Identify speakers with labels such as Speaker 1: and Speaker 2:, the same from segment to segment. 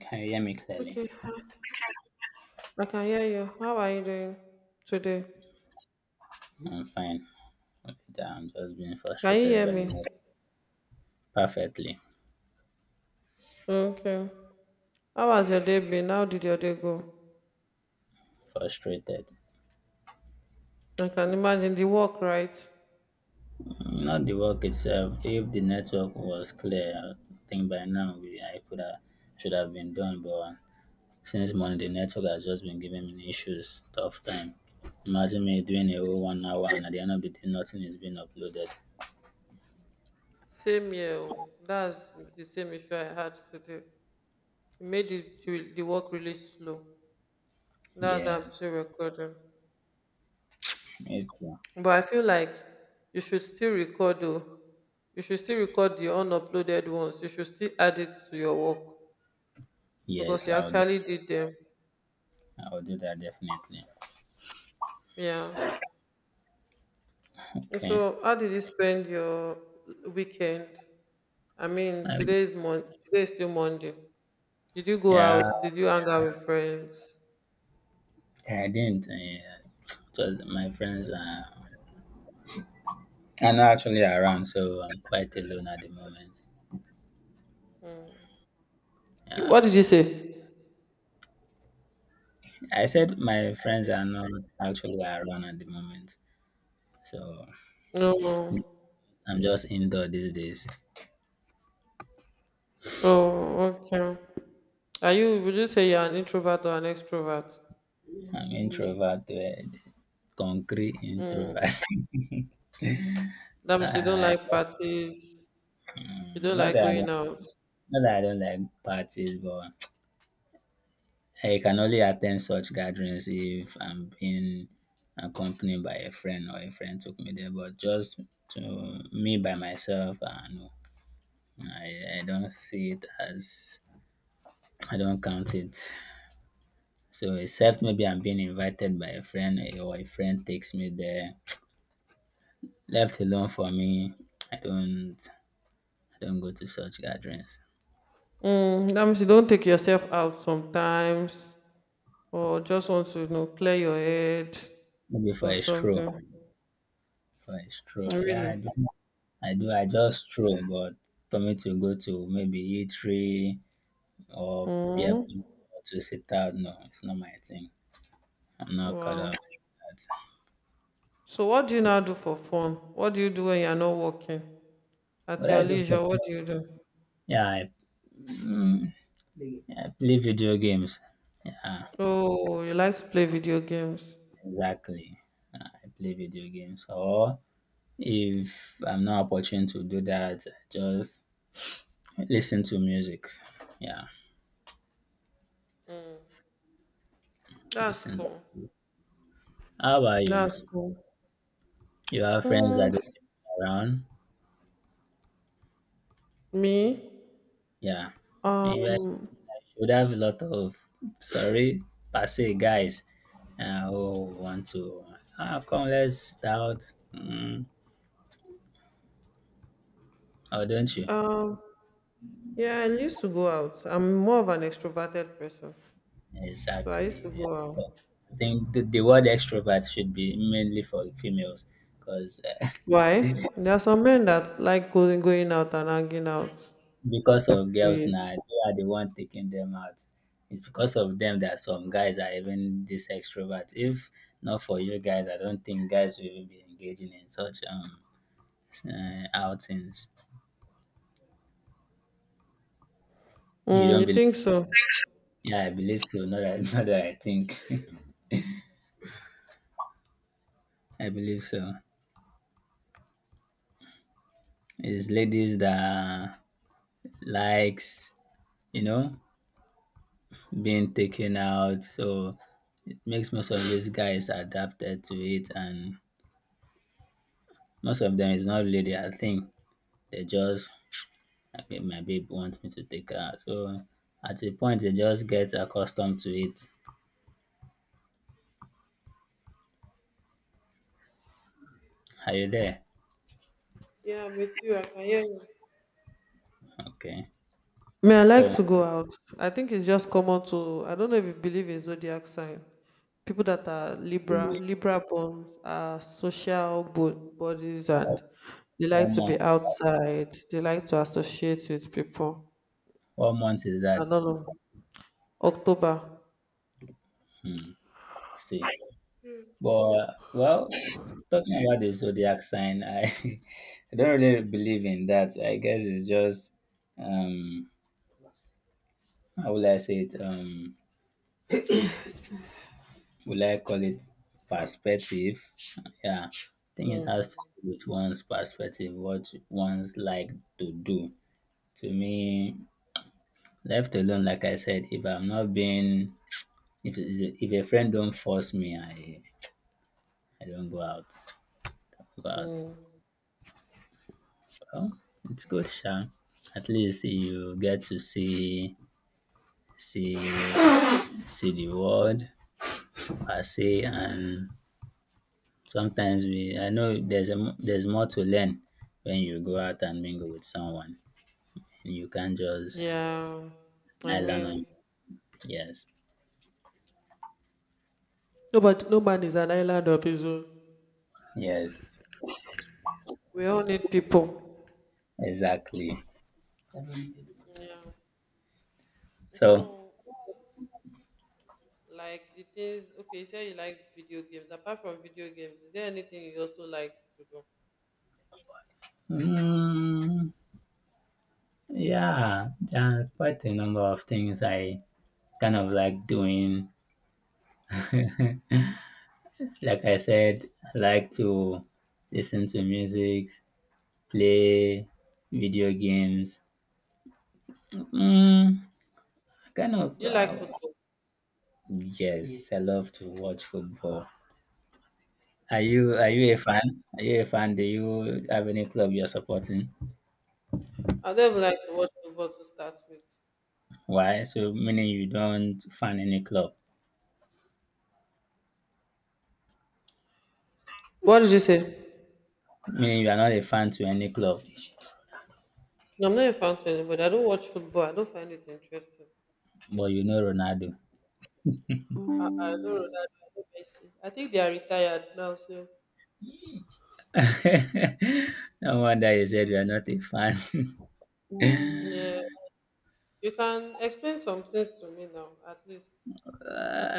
Speaker 1: Can you hear me clearly?
Speaker 2: Okay, I can hear you. How are you doing today?
Speaker 1: I'm fine. Okay, I'm just being
Speaker 2: Can you
Speaker 1: frustrated
Speaker 2: hear
Speaker 1: by the
Speaker 2: me?
Speaker 1: net. Perfectly
Speaker 2: Okay. How has your day been? How did your day go?
Speaker 1: frustrated.
Speaker 2: I can imagine the work, right?
Speaker 1: Not the work itself. If the network was clear, I think by now we I could have should have been done. But since Monday, network has just been giving me issues. Tough time. Imagine me doing a whole 1 hour and at the end of the day, nothing is being uploaded.
Speaker 2: Same here. Oh, that's the same issue I had today. It made the work really slow. That's why I'm
Speaker 1: Yes,
Speaker 2: still recording.
Speaker 1: it's,
Speaker 2: But I feel like you should still record though. You should still record the unuploaded ones. You should still add it to your work because
Speaker 1: yes,
Speaker 2: you
Speaker 1: I'll do.
Speaker 2: actually did them.
Speaker 1: I'll do that definitely.
Speaker 2: Yeah.
Speaker 1: Okay.
Speaker 2: So, how did you spend your weekend? I mean,
Speaker 1: Um,
Speaker 2: today is still Monday. Did you go
Speaker 1: yeah,
Speaker 2: out? Did you hang out with friends?
Speaker 1: I didn't. It was my friends are not actually around, so I'm quite alone at the moment.
Speaker 2: You,
Speaker 1: Yeah,
Speaker 2: what did you say?
Speaker 1: I said my friends are not actually around at the moment, so
Speaker 2: No.
Speaker 1: yes, I'm just indoor these days.
Speaker 2: Oh, okay. Are you? Would you say you're an introvert or an extrovert?
Speaker 1: I'm introverted, concrete introvert.
Speaker 2: That means you don't
Speaker 1: I,
Speaker 2: like parties. You don't
Speaker 1: Not
Speaker 2: like
Speaker 1: that I
Speaker 2: going
Speaker 1: don't,
Speaker 2: out.
Speaker 1: not that I don't like parties, but I can only attend such gatherings if I'm being accompanied by a friend or a friend took me there, but just to me by myself, no, I don't see it as, I don't count it. So, except maybe I'm being invited by a friend or a friend takes me there, left alone for me, I don't, I don't go to such gatherings.
Speaker 2: That means you don't take yourself out sometimes, or just want to clear your head
Speaker 1: Maybe for
Speaker 2: or
Speaker 1: a stroll,
Speaker 2: something.
Speaker 1: for a stroll. Yeah,
Speaker 2: Really?
Speaker 1: I do, I just stroll, but for me to go to maybe E3 or beer pong
Speaker 2: Mm,
Speaker 1: or to sit down. No, it's not my thing. I'm not caught up
Speaker 2: wow.
Speaker 1: in that.
Speaker 2: So what do you now do for fun? What do you do when you're not working? At
Speaker 1: What
Speaker 2: your
Speaker 1: I do for
Speaker 2: leisure,
Speaker 1: fun?
Speaker 2: what do you do?
Speaker 1: Yeah, I, mm, I play video games. Yeah,
Speaker 2: Oh, you like to play video games.
Speaker 1: exactly. I play video games. Or if I'm not opportune to do that, I just listen to music. Yeah,
Speaker 2: That's
Speaker 1: listen.
Speaker 2: cool.
Speaker 1: How about you?
Speaker 2: That's cool.
Speaker 1: You have friends
Speaker 2: Mm,
Speaker 1: that don't stick around?
Speaker 2: me?
Speaker 1: Yeah. Maybe I
Speaker 2: Um,
Speaker 1: should have a lot of sorry, passe guys. Oh, want to? Ah, come, let's doubt. Mm, oh, don't you?
Speaker 2: um, yeah, I used to go out. I'm more of an extroverted person. So I used
Speaker 1: Exactly.
Speaker 2: to
Speaker 1: Yeah.
Speaker 2: go
Speaker 1: Well,
Speaker 2: out.
Speaker 1: I think the word extrovert should be mainly for females, because
Speaker 2: Why? There are some men that like going out and hanging out
Speaker 1: because of girls
Speaker 2: with.
Speaker 1: now, they are the one taking them out. It's because of them that some guys are even this extrovert. If not for you guys, I don't think guys will even be engaging in such outings. You
Speaker 2: Mm,
Speaker 1: don't
Speaker 2: you
Speaker 1: believe?
Speaker 2: think so?
Speaker 1: Yeah, I believe so. Not that, not that I think. I believe so. It's ladies that likes, you know, being taken out. So it makes most of these guys adapted to it, and most of them is not really their thing. They just okay, my babe wants me to take her out. So at a point, they just get accustomed to it. Are you there?
Speaker 2: Yeah, with you, I can hear you.
Speaker 1: Okay.
Speaker 2: Me, I like
Speaker 1: So
Speaker 2: to go out. I think it's just common to, I don't know if you believe in zodiac sign. People that are Libra born are social bodies, and they like
Speaker 1: one
Speaker 2: to
Speaker 1: month,
Speaker 2: be outside. They like to associate with people.
Speaker 1: 1 month is
Speaker 2: I
Speaker 1: that.
Speaker 2: don't know. October.
Speaker 1: Hmm. See. But well, talking about the zodiac sign, I I don't really believe in that. I guess it's just um how will I say it? Will I call it perspective? Yeah. I think it
Speaker 2: Mm.
Speaker 1: has to do with one's perspective, what one's like to do. To me, left alone, like I said, if I'm not being if a friend don't force me, I don't go out. Go out. Oh, it's good, sha. At least you get to see see the world I say, and sometimes we I know there's more to learn when you go out and mingle with someone. And You can't just
Speaker 2: Yeah. I
Speaker 1: kneel on.
Speaker 2: mean,
Speaker 1: Yes,
Speaker 2: nobody, no man is an island of his own.
Speaker 1: yes,
Speaker 2: We all need people.
Speaker 1: exactly.
Speaker 2: Yeah.
Speaker 1: So,
Speaker 2: So, you say you like video games. Apart from video games, is there anything you also like to do?
Speaker 1: mm, yeah, there are quite a number of things I kind of like doing. Like I said, I like to listen to music, play video games. Mm, kind of,
Speaker 2: Do you like
Speaker 1: uh,
Speaker 2: football?
Speaker 1: yes, I Yes. love to watch football. Are
Speaker 2: Hmm.
Speaker 1: you a fan? Are you a fan? Do you have any club you're supporting?
Speaker 2: I don't even like to watch football to start with.
Speaker 1: Why? So meaning you don't fan any club.
Speaker 2: What did you say?
Speaker 1: Meaning you are not a fan to any club,
Speaker 2: No, I'm not a fan to anybody. I don't watch football. I don't find it interesting.
Speaker 1: but you know Ronaldo.
Speaker 2: I don't know that. I don't Messi. I think they are retired now, so
Speaker 1: No wonder you said you are not a fan.
Speaker 2: yeah. You can explain some things to me now, at least.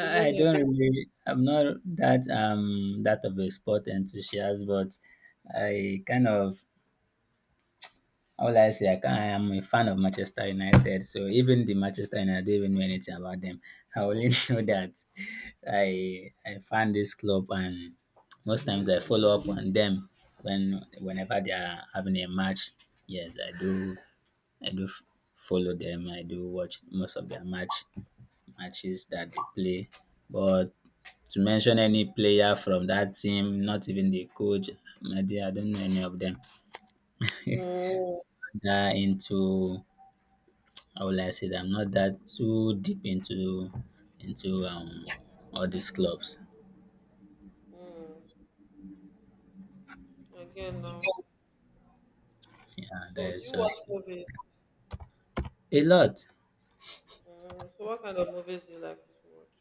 Speaker 2: We learn
Speaker 1: I
Speaker 2: it.
Speaker 1: don't really. I'm not that of a sport enthusiast, but I kind of all I say I can, I am a fan of Manchester United. So even the Manchester United, I don't even know anything about them. I only know that I fan this club, and most times I follow up on them whenever they are having a match. Yes, I do. I do f- follow them. I do watch most of their matches that they play. But to mention any player from that team, not even the coach, my dear, I don't know any of them.
Speaker 2: Mm,
Speaker 1: that into How will I say that I'm not that too deep into all these clubs.
Speaker 2: mm. Again now.
Speaker 1: Yeah,
Speaker 2: So
Speaker 1: that
Speaker 2: do
Speaker 1: is
Speaker 2: you watch
Speaker 1: just
Speaker 2: movies?
Speaker 1: a lot.
Speaker 2: So what kind of movies do you like to watch?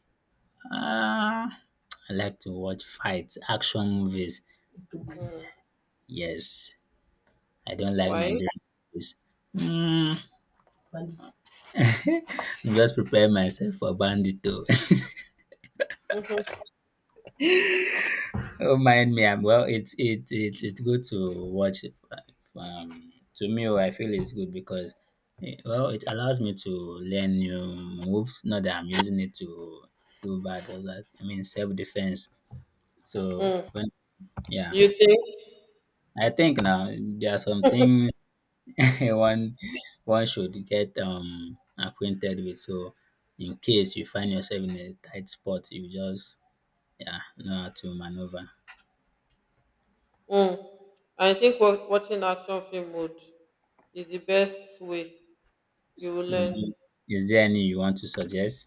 Speaker 1: Ah, I like to watch fights, action movies. Yes, I don't like
Speaker 2: Why?
Speaker 1: Nigerian movies. I'm just preparing myself for Bandito. Oh, mind me. I'm well. It's it's good to watch. To me, oh, I feel it's good because well, it allows me to learn new moves. Not that I'm using it to do bad or that. I mean, self defense. So when yeah,
Speaker 2: You think?
Speaker 1: I think now there are some things one one should get acquainted with. So in case you find yourself in a tight spot, you just yeah know how to maneuver.
Speaker 2: Mm, I think watching action film would is the best way you will
Speaker 1: Would
Speaker 2: learn.
Speaker 1: you, is there any you want to suggest?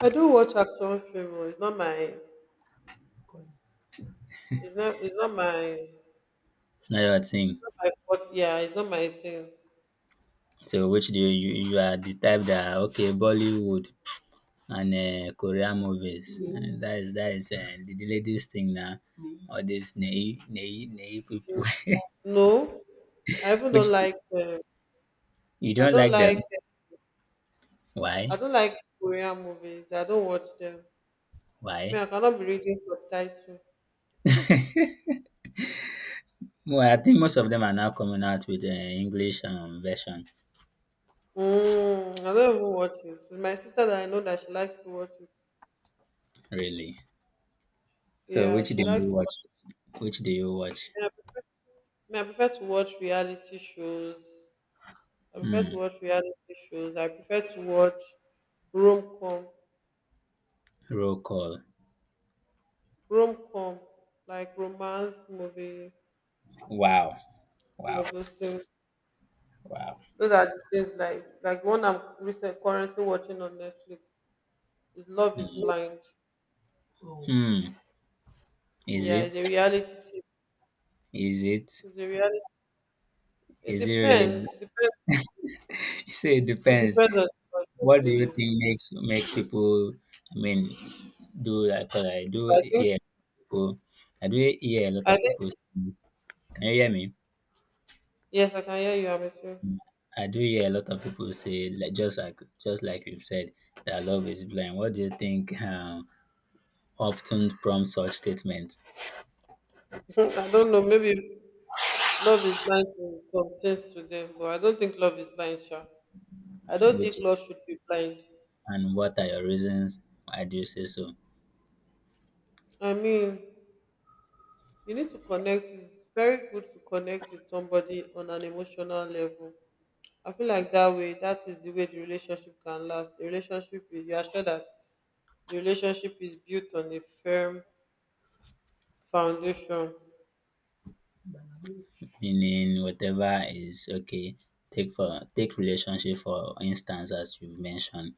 Speaker 2: I do watch action film. Oh, It's not my. It's not. It's not my. It's
Speaker 1: It's not your thing.
Speaker 2: not my yeah, it's not my thing.
Speaker 1: So you are the type that okay Bollywood and Korean movies and that is the latest thing now. All these naive people.
Speaker 2: No, I even don't
Speaker 1: Which
Speaker 2: like.
Speaker 1: you
Speaker 2: I
Speaker 1: don't
Speaker 2: don't
Speaker 1: like
Speaker 2: like.
Speaker 1: them. Why?
Speaker 2: I don't like Korean movies. I don't watch them. Me,
Speaker 1: Why?
Speaker 2: I cannot be reading subtitle.
Speaker 1: Well, I think most of them are now coming out with an English version
Speaker 2: I don't even watch it. It's my sister that I know that she likes to watch it.
Speaker 1: really. So
Speaker 2: Yeah,
Speaker 1: which do
Speaker 2: she
Speaker 1: you
Speaker 2: likes to
Speaker 1: watch?
Speaker 2: watch
Speaker 1: Which do you watch?
Speaker 2: it. I mean, I prefer to watch reality shows. I prefer to
Speaker 1: Hmm.
Speaker 2: watch reality shows. I prefer to watch rom-com,
Speaker 1: Roll call.
Speaker 2: rom-com, like romance movie,
Speaker 1: Wow. Wow.
Speaker 2: those things.
Speaker 1: Wow.
Speaker 2: Those are the things like one I'm recent, currently watching on Netflix is Love is Blind.
Speaker 1: Hmm. Is
Speaker 2: Yeah, it's
Speaker 1: it?
Speaker 2: a reality TV.
Speaker 1: Is it?
Speaker 2: It's a reality. It
Speaker 1: Is it really?
Speaker 2: depends. It depends.
Speaker 1: So it
Speaker 2: It
Speaker 1: depends.
Speaker 2: depends on the person,
Speaker 1: What do you
Speaker 2: really.
Speaker 1: think makes people? I mean, do that? Cause I
Speaker 2: But
Speaker 1: do
Speaker 2: I think
Speaker 1: hear people. I do hear a lot
Speaker 2: I
Speaker 1: of
Speaker 2: think
Speaker 1: people. Say, can you hear me?
Speaker 2: yes, I can hear you. I'm with you.
Speaker 1: I do hear a lot of people say, like, just like you've said, that love is blind. What do you think often prompts such statements?
Speaker 2: I don't know. Maybe love is blind to some things to them, but I don't think love is blind, sha. I don't think
Speaker 1: Which
Speaker 2: love should be blind.
Speaker 1: and what are your reasons? Why do you say so?
Speaker 2: I mean, you need to connect. It's very good to connect with somebody on an emotional level. I feel like that way, that is the way the relationship can last. The relationship is, you are sure that the relationship is built on a firm foundation.
Speaker 1: Meaning whatever is okay. Take relationship for instance, as you've mentioned,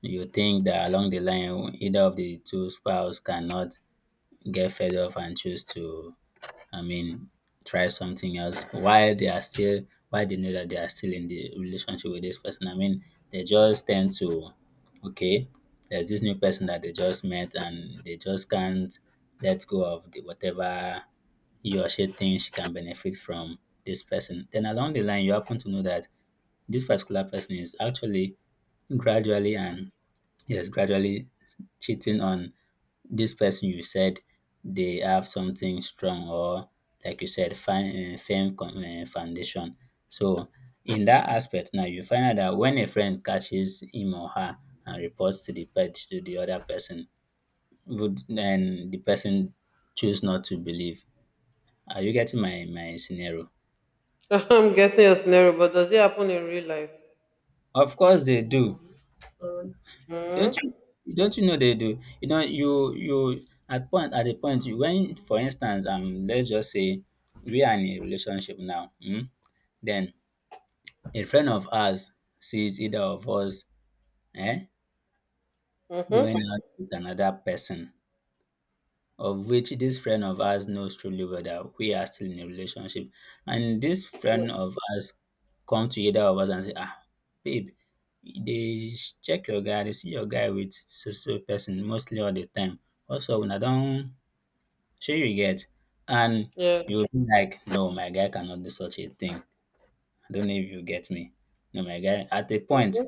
Speaker 1: you think that along the line either of the two spouse cannot get fed up and choose to, I mean, try something else while they know that they are still in the relationship with this person. I mean, they just tend to okay, there's this new person that they just met and they just can't let go of the whatever you or she can benefit from this person. Then along the line, you happen to know that this particular person is actually gradually and yes, gradually cheating on this person you said they have something strong or like you said, firm foundation. So in that aspect, now you find out that when a friend catches him or her and reports to the pet to the other person, would then the person choose not to believe? Are you getting my scenario?
Speaker 2: I'm getting your scenario, but does it happen in real life?
Speaker 1: Of course they do. Don't
Speaker 2: Mm-hmm.
Speaker 1: you don't you know they do? You know, you at a point you when for instance, let's just say we are in a relationship now, then a friend of ours sees either of us um going
Speaker 2: Mm-hmm.
Speaker 1: out with another person of which this friend of ours knows truly well that we are still in a relationship. And this friend of ours come to either of us and say, ah, babe, they check your guy, they see your guy with so so person mostly all the time. Also, when I don't show you get? And you
Speaker 2: Yes,
Speaker 1: will be like, no, my guy cannot do such a thing. I don't know if you get me. No, my guy, at a point,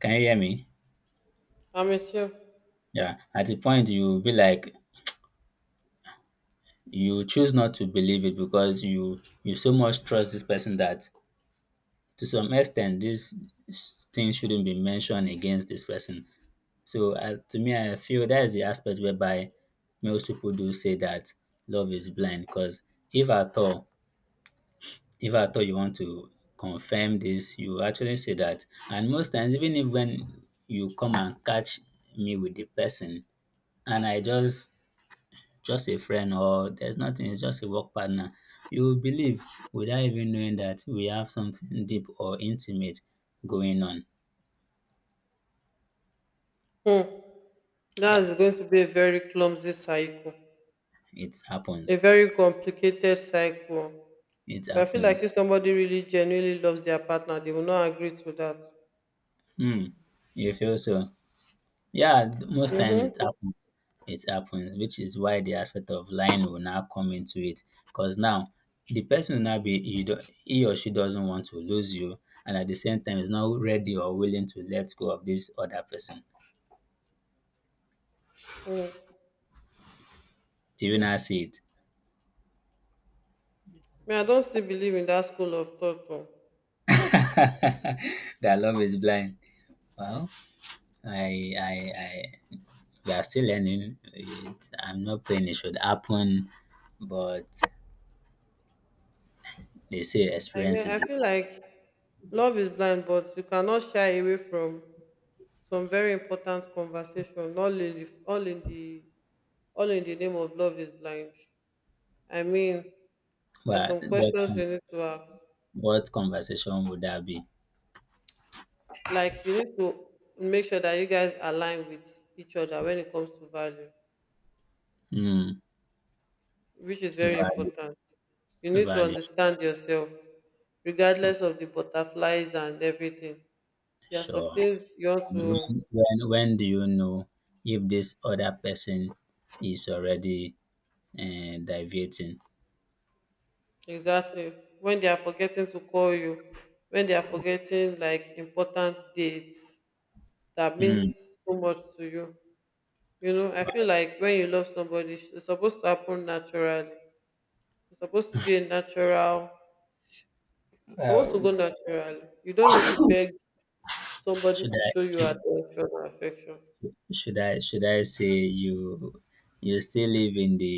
Speaker 1: can you hear me?
Speaker 2: I'm with you.
Speaker 1: Yeah, at a point you will be like, you choose not to believe it because you so much trust this person that to some extent this thing shouldn't be mentioned against this person. So to me, I feel that is the aspect whereby most people do say that love is blind. Because if at all, if at all you want to confirm this, you actually say that. And most times, even if when you come and catch me with the person, and I just a friend or there's nothing, it's just a work partner. You will believe without even knowing that we have something deep or intimate going on.
Speaker 2: Hmm.
Speaker 1: Yeah,
Speaker 2: That's going to be a very clumsy cycle,
Speaker 1: it
Speaker 2: a
Speaker 1: happens.
Speaker 2: very complicated cycle.
Speaker 1: It
Speaker 2: But I feel
Speaker 1: happens.
Speaker 2: like if somebody really genuinely loves their partner, they will not agree to that.
Speaker 1: Hmm. You feel so? Most times
Speaker 2: Mm-hmm.
Speaker 1: it happens. It happens, which is why the aspect of lying will now come into it. Because now the person will now be he or she doesn't want to lose you, and at the same time is not ready or willing to let go of this other person.
Speaker 2: Mm, I
Speaker 1: Do you now see it?
Speaker 2: mean, I don't still believe in that school of thought though.
Speaker 1: That love is blind. Well, I, I, I, we are still learning. I'm not saying it should happen, but they say experience
Speaker 2: I
Speaker 1: is.
Speaker 2: feel like love is blind, but you cannot shy away from some very important conversation. All in the name of love is blind. I mean, there are
Speaker 1: Well,
Speaker 2: some questions you need to ask,
Speaker 1: what conversation would that be?
Speaker 2: like you need to make sure that you guys align with each other when it comes to value,
Speaker 1: Hmm.
Speaker 2: which is very
Speaker 1: Valid,
Speaker 2: important. You need to
Speaker 1: valid.
Speaker 2: understand yourself
Speaker 1: Okay,
Speaker 2: regardless of the butterflies and everything. There are some
Speaker 1: sure.
Speaker 2: things you want
Speaker 1: And
Speaker 2: to
Speaker 1: when do you know if this other person is already deviating?
Speaker 2: exactly when they are forgetting to call you, when they are forgetting like important dates that means
Speaker 1: Hmm.
Speaker 2: so much to you. You know I feel like when you love somebody, it's supposed to happen naturally. It's supposed to be a natural, supposed to go naturally. You don't need to beg somebody
Speaker 1: Should
Speaker 2: to show you
Speaker 1: I?
Speaker 2: attention or affection.
Speaker 1: Should I say you still live in the,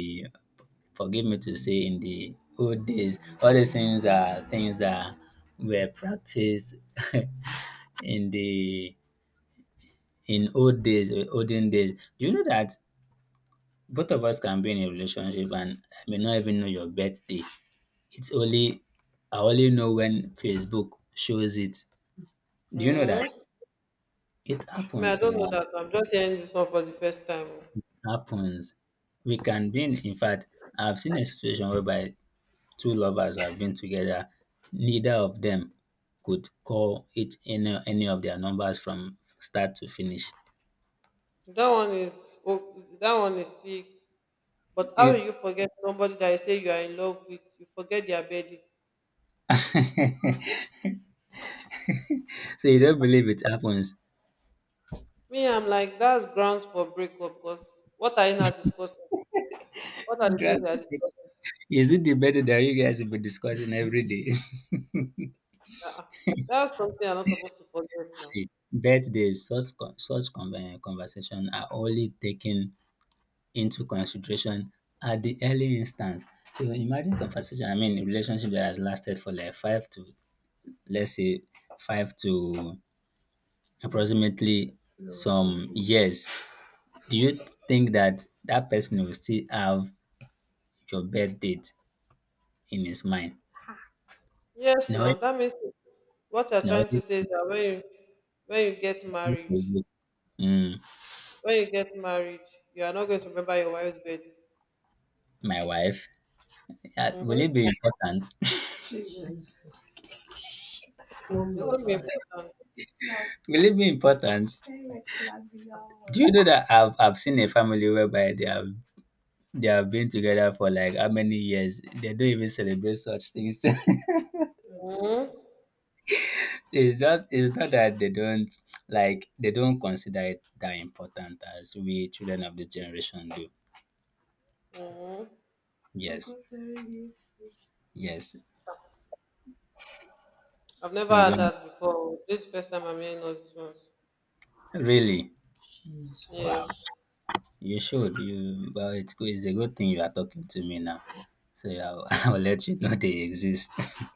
Speaker 1: forgive me to say, in the old days? All these things are things that were practiced in the in old days, eh, olden days. Do you know that both of us can be in a relationship and I may not even know your birthday? It's only I only know when Facebook shows it. Do you know that?
Speaker 2: Hmm?
Speaker 1: It
Speaker 2: Me, I
Speaker 1: happens
Speaker 2: don't know
Speaker 1: now.
Speaker 2: that. I'm just hearing this one for the first time. Oh.
Speaker 1: Happens. We can be in fact, I've seen a situation whereby two lovers have been together. Neither of them could call each any of their numbers from start to finish.
Speaker 2: That one is sick. But how will
Speaker 1: It,
Speaker 2: you forget somebody that you say you are in love with? You forget their bedding.
Speaker 1: so you don't believe it happens.
Speaker 2: Me, I'm like that's grounds for breakup. Because what are you not discussing? What are
Speaker 1: It's
Speaker 2: the things
Speaker 1: driving
Speaker 2: you are
Speaker 1: me.
Speaker 2: discussing?
Speaker 1: Is it the birthday that you guys will be discussing every day?
Speaker 2: Ah, ah. That's something you're not supposed to forget now.
Speaker 1: See, birthdays, conversation are only taken into consideration at the early instance. So imagine a relationship that has lasted for like let's say, five to approximately some years. Do you think that that person will still have your birth date in his mind?
Speaker 2: Yes,
Speaker 1: No,
Speaker 2: now that means what you're
Speaker 1: no,
Speaker 2: trying to
Speaker 1: this
Speaker 2: say is that when you get
Speaker 1: this
Speaker 2: married
Speaker 1: is, mm,
Speaker 2: When you get married, you are not going to remember your wife's birthday.
Speaker 1: my wife. Yeah, will it
Speaker 2: Mm-hmm.
Speaker 1: be important?
Speaker 2: It's going to be important.
Speaker 1: Will it be important? Do you know that I've seen a family whereby they have been together for like how many years? They don't even celebrate such things.
Speaker 2: Mm-hmm.
Speaker 1: It's just, it's not that they don't, like they don't consider it that important as we children of this generation do.
Speaker 2: Mm-hmm.
Speaker 1: Yes. Yes,
Speaker 2: I've never
Speaker 1: you
Speaker 2: had
Speaker 1: don't
Speaker 2: that before. This is first time I'm hearing all these ones.
Speaker 1: really. Wow,
Speaker 2: Yes.
Speaker 1: you should. It's good. It's a good thing you are talking to me now. So yeah, I'll, I'll let you know they exist.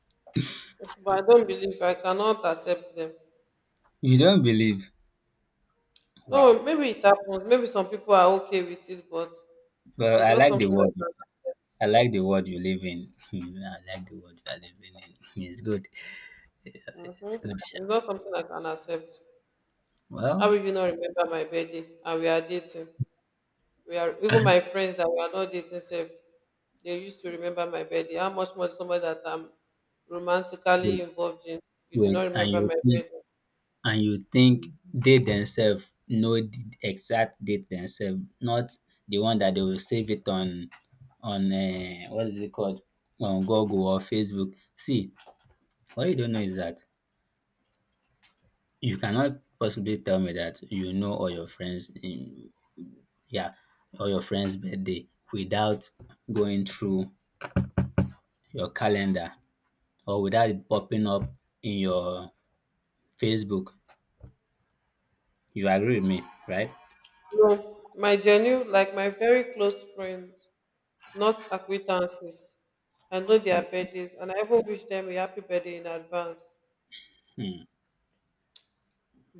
Speaker 2: But I don't believe. I cannot accept them.
Speaker 1: You don't believe. Wow.
Speaker 2: No, maybe it happens. Maybe some people are okay with it, but
Speaker 1: Well,
Speaker 2: it's
Speaker 1: I
Speaker 2: not
Speaker 1: like the
Speaker 2: something I
Speaker 1: word.
Speaker 2: can accept.
Speaker 1: I like the world you live in. I like the world you are living in. It's good. Yeah, it's
Speaker 2: Mm-hmm.
Speaker 1: good.
Speaker 2: It's not something I can accept. How
Speaker 1: Well,
Speaker 2: will you not remember my birthday? And we are dating. We are even my friends that we are not dating safe. They used to remember my birthday. How much more somebody that I'm romantically
Speaker 1: wait,
Speaker 2: involved in? You do not
Speaker 1: wait, and
Speaker 2: remember
Speaker 1: you
Speaker 2: my
Speaker 1: think,
Speaker 2: birthday.
Speaker 1: and you think they themselves know the exact date themselves, not the one that they will save it on what is it called, on Google or Facebook. See, what you don't know is that you cannot possibly tell me that you know yeah all your friends birthday without going through your calendar, or without it popping up in your Facebook. You agree with me, right?
Speaker 2: No, my genuine, like my very close friends, not acquaintances. I know their birthdays, and I even wish them a happy birthday in advance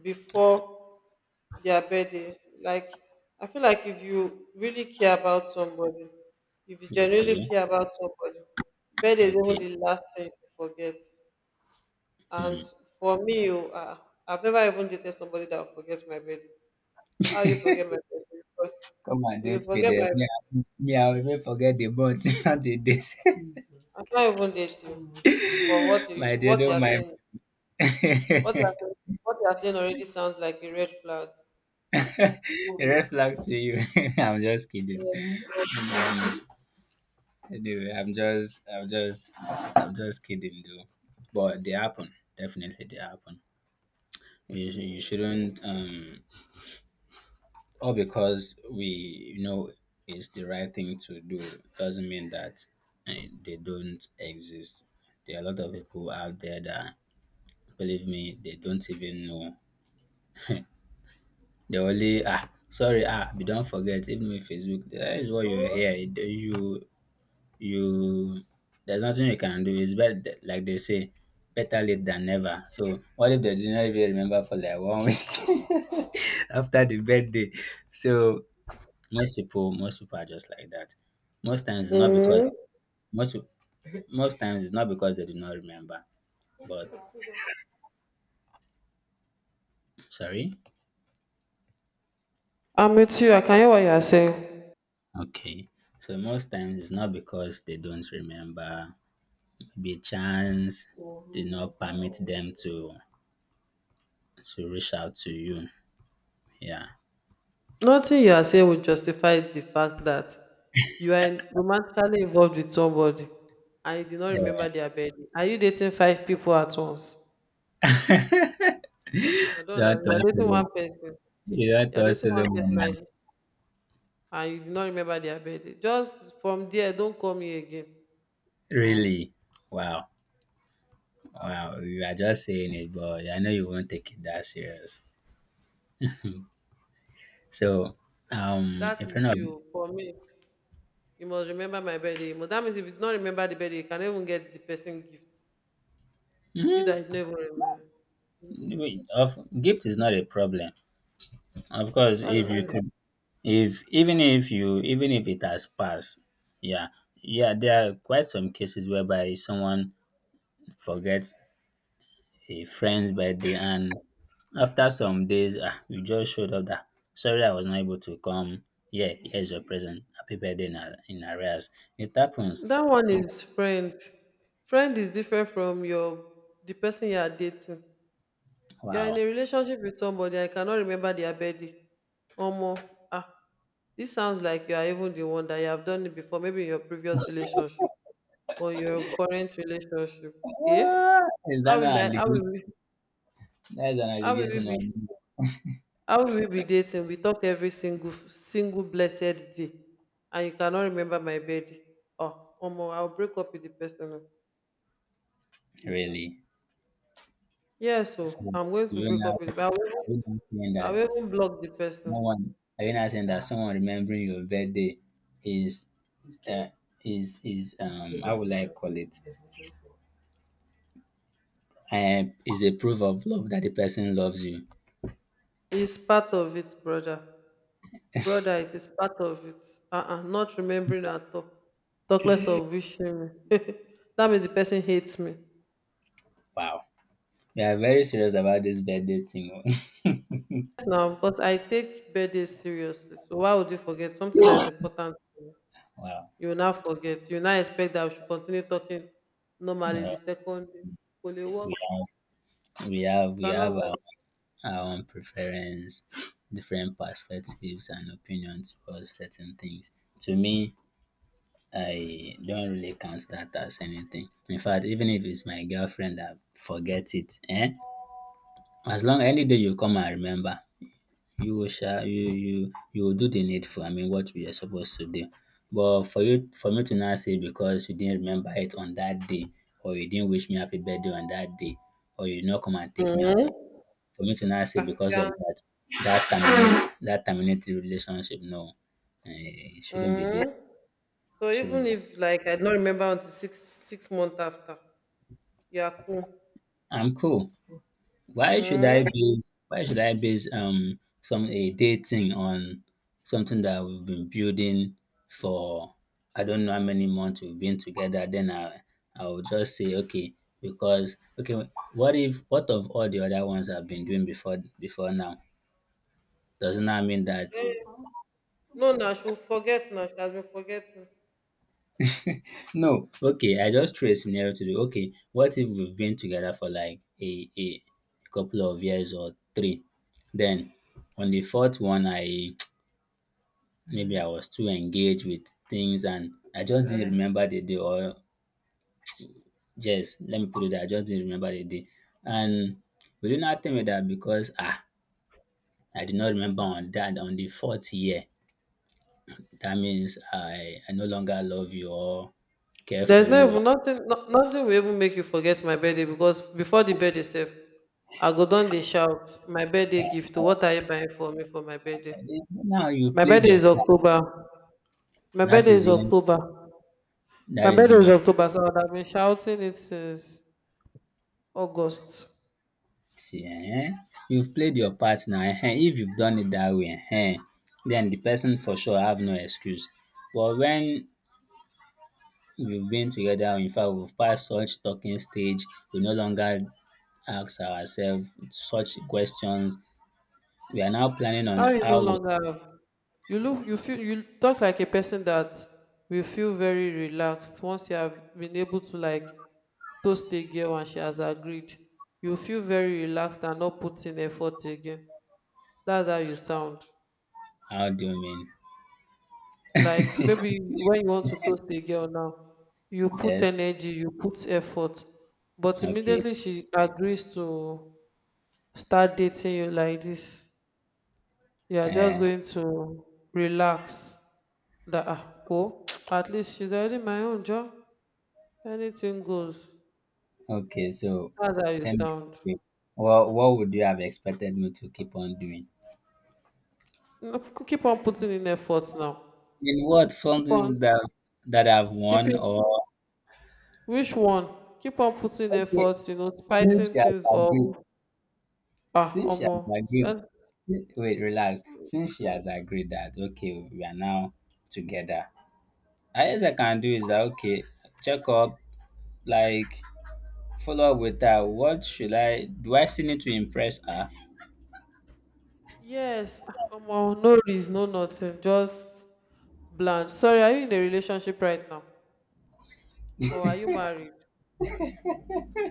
Speaker 2: before their birthday. Like, I feel like if you really care about somebody, if you
Speaker 1: Okay,
Speaker 2: genuinely care about somebody, birthday is
Speaker 1: okay.
Speaker 2: even the last thing you forget. And
Speaker 1: Hmm.
Speaker 2: for me, I've never even dated somebody that forgets my birthday. How you forget my birthday? But
Speaker 1: Come and
Speaker 2: If you
Speaker 1: date me
Speaker 2: forget
Speaker 1: there.
Speaker 2: my,
Speaker 1: Me, I'll even forget the month, not the days.
Speaker 2: I can't even date you. For
Speaker 1: My dear,
Speaker 2: what you
Speaker 1: don't
Speaker 2: are
Speaker 1: mind.
Speaker 2: saying, what you are saying, what you are saying already sounds like a red flag. Ah,
Speaker 1: The red flag to you. I'm just kidding.
Speaker 2: yes.
Speaker 1: Anyway, I'm just kidding, though. But they happen. Definitely, they happen. You shouldn't. All because we know it's the right thing to do doesn't mean that, eh, they don't exist. There are a lot of people out there that, believe me, they don't even know. They only, ah, sorry, ah, we don't forget even with Facebook, that is what you hear. You there's nothing you can do. It's better, like they say, better late than never. So what if they did not even remember for like one week after the birthday? So most people, most people are just like that. Most times it's not because
Speaker 2: Mm.
Speaker 1: most most times it's not because they do not remember. But sorry,
Speaker 2: I'm with you. I can hear what you are saying.
Speaker 1: okay. So most times it's not because they don't remember. Maybe chance did not permit them to reach out to you. Yeah.
Speaker 2: Nothing you are saying will justify the fact that you are romantically involved with somebody and you do not
Speaker 1: Eh,
Speaker 2: remember their birthday. Are you dating five people at once? I don't know.
Speaker 1: That
Speaker 2: You are dating
Speaker 1: was
Speaker 2: one person.
Speaker 1: that
Speaker 2: You're
Speaker 1: was
Speaker 2: dating one person,
Speaker 1: moment.
Speaker 2: and you did not remember their birthday. Just from there, don't call me again.
Speaker 1: Really? Wow. Wow. You are just saying it, but I know you won't take it that serious. So,
Speaker 2: That
Speaker 1: in
Speaker 2: is
Speaker 1: front
Speaker 2: you for me. You must remember my birthday. But that means if you do not remember the birthday, you cannot even get the person gift. You that you never remember.
Speaker 1: of gift is not a problem. Of course,
Speaker 2: Uh,
Speaker 1: if you
Speaker 2: uh,
Speaker 1: could, if even if you even if it has passed, yeah, yeah, there are quite some cases whereby someone forgets a friend's birthday, and after some days, ah, you just showed up that sorry, I was not able to come. Yeah, here's your present. Happy birthday in, in arrears. It happens.
Speaker 2: that one is friend. Friend is different from your the person you are dating. You are in
Speaker 1: Wow.
Speaker 2: a relationship with somebody and you cannot remember their birthday. Omo, ah, this sounds like you are even the one that you have done it before, maybe in your previous relationship, or your current relationship. eh
Speaker 1: Ah, is
Speaker 2: how
Speaker 1: that an
Speaker 2: will i how
Speaker 1: allegation?
Speaker 2: will we
Speaker 1: That is an
Speaker 2: how will we
Speaker 1: allegation
Speaker 2: be
Speaker 1: on you.
Speaker 2: how will we be dating, we talk every single blessed day, and you cannot remember my birthday? Oh Omo, I'll break up with the person oh.
Speaker 1: Really?
Speaker 2: Yes oh
Speaker 1: So,
Speaker 2: I'm going
Speaker 1: do
Speaker 2: to
Speaker 1: you
Speaker 2: break
Speaker 1: now
Speaker 2: up with the I will
Speaker 1: are
Speaker 2: even
Speaker 1: you now saying
Speaker 2: I
Speaker 1: that
Speaker 2: will even block the
Speaker 1: no
Speaker 2: person.
Speaker 1: one, are you now saying that someone remembering your birthday is, is uh, is, um, how would I call it? Um, is a proof of love that the person loves you.
Speaker 2: It's part of it, brother. Brother, it is part of it. Uh-uh, not remembering at all. Talk less of wishing me. That means the person hates me.
Speaker 1: Wow. We are very serious about this birthday thing.
Speaker 2: Now, but I take birthdays seriously. So why would you forget something that is important to you?
Speaker 1: Wow.
Speaker 2: You will now forget. You will now expect that we should continue talking normally the
Speaker 1: Well,
Speaker 2: second day. Could it work?
Speaker 1: we have
Speaker 2: You
Speaker 1: we
Speaker 2: cannot
Speaker 1: have
Speaker 2: work.
Speaker 1: our own preference, different perspectives and opinions for certain things. To me, I don't really count that as anything. In fact, even if it's my girlfriend, I forget it. Eh? As long any day you come and remember, you will shall you you you will do the needful. I mean, what you are supposed to do. But for you, for me to now say because you didn't remember it on that day, or you didn't wish me happy birthday on that day, or you did not come and take me out on,
Speaker 2: Hmm.
Speaker 1: for me to now say
Speaker 2: Ah,
Speaker 1: because of
Speaker 2: yeah.
Speaker 1: that, that terminates that terminated relationship. No, eh, it shouldn't be
Speaker 2: Hmm.
Speaker 1: based.
Speaker 2: So
Speaker 1: Shouldn't
Speaker 2: even
Speaker 1: be.
Speaker 2: if like I don't remember until six months after, you are cool.
Speaker 1: I'm cool. Why should I
Speaker 2: Hmm.
Speaker 1: base, um, some, a dating on something that we've been building for I don't know how many months we've been together, then I will just say okay, because okay, what if what of all the other ones I've been doing before now? Doesn't that mean that
Speaker 2: No, now she will forget now. She has been forgetting.
Speaker 1: no, okay, I just threw a scenario to do okay, what if we've been together for like a couple of years or three? Then on the fourth one, I maybe I was too engaged with things and I just didn't remember the day, or just let me put it that I just didn't remember the day. And will you not tell me that because, ah, I did not remember on the fourth year, that means I no longer love you or care
Speaker 2: There's
Speaker 1: for
Speaker 2: no
Speaker 1: you or
Speaker 2: even nothing, no, nothing will even make you forget my birthday, because before the birthday sef, I go don dey shout my birthday gift o, what are you buying for me for my birthday?
Speaker 1: now you've
Speaker 2: My
Speaker 1: played
Speaker 2: birthday
Speaker 1: your
Speaker 2: is
Speaker 1: part.
Speaker 2: October. My
Speaker 1: That
Speaker 2: birthday
Speaker 1: is
Speaker 2: is
Speaker 1: when
Speaker 2: October.
Speaker 1: that
Speaker 2: My
Speaker 1: is
Speaker 2: birthday is
Speaker 1: your
Speaker 2: October, so I would have been shouting it since August.
Speaker 1: see, eh? You've played your part now, eh? If you've done it that way, eh? Then the person for sure have no excuse. But when we've been together, in fact, we've passed such talking stage. We no longer ask ourselves such questions. We are now planning on
Speaker 2: How you no
Speaker 1: how we,
Speaker 2: longer have? You look, you feel, you talk like a person that will feel very relaxed once you have been able to like toast a girl and she has agreed. You feel very relaxed and not put in effort again. That's how you sound.
Speaker 1: how do you
Speaker 2: Like
Speaker 1: mean?
Speaker 2: maybe when you want to toast a girl now, you put
Speaker 1: Yes.
Speaker 2: energy, you put effort, but
Speaker 1: Okay.
Speaker 2: immediately she agrees to start dating you like this. You are just
Speaker 1: Uh,
Speaker 2: going to relax that at least she's already my own job. Anything goes.
Speaker 1: okay. So,
Speaker 2: That's how you
Speaker 1: tell
Speaker 2: sound.
Speaker 1: me, what would you have expected me to keep on doing?
Speaker 2: No, keep on putting in efforts now.
Speaker 1: In what,
Speaker 2: Keep
Speaker 1: something
Speaker 2: on
Speaker 1: that that I've won
Speaker 2: keeping
Speaker 1: or
Speaker 2: which one? Keep on putting
Speaker 1: okay,
Speaker 2: efforts,
Speaker 1: since
Speaker 2: spicing
Speaker 1: she has
Speaker 2: things up.
Speaker 1: agreed, since she has
Speaker 2: Omo.
Speaker 1: agreed,
Speaker 2: And
Speaker 1: wait, relax. Since she has agreed that, okay, we are now together, highest I can do is that, okay, check up, like, follow up with her. What should I do? I still need to impress her.
Speaker 2: yes, Omo, no reason, no nothing. Just bland. Sorry, are you in a relationship right now? Or are you married?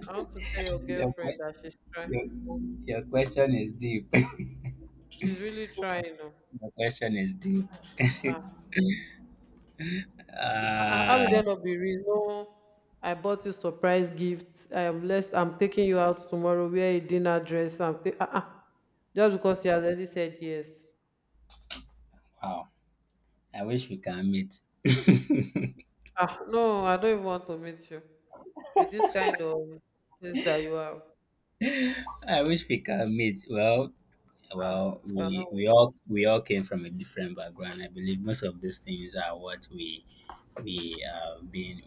Speaker 2: I want to tell your
Speaker 1: Your,
Speaker 2: girlfriend
Speaker 1: que-
Speaker 2: that she's trying.
Speaker 1: your, your question is deep.
Speaker 2: She's really trying. Oh.
Speaker 1: Your question is deep.
Speaker 2: Ah, how will there
Speaker 1: Ah,
Speaker 2: not be reason? No, I bought you surprise gift. I am blessed. I'm taking you out tomorrow. Wear a dinner dress. I'm ta- ah, ah. Just because you has already said yes.
Speaker 1: wow. I wish we can meet.
Speaker 2: No, I don't even want to meet you. With this kind of things that you have,
Speaker 1: I wish we can meet. Well, well,
Speaker 2: it cannot work.
Speaker 1: we all came from a different background. I believe most of these things are what we are being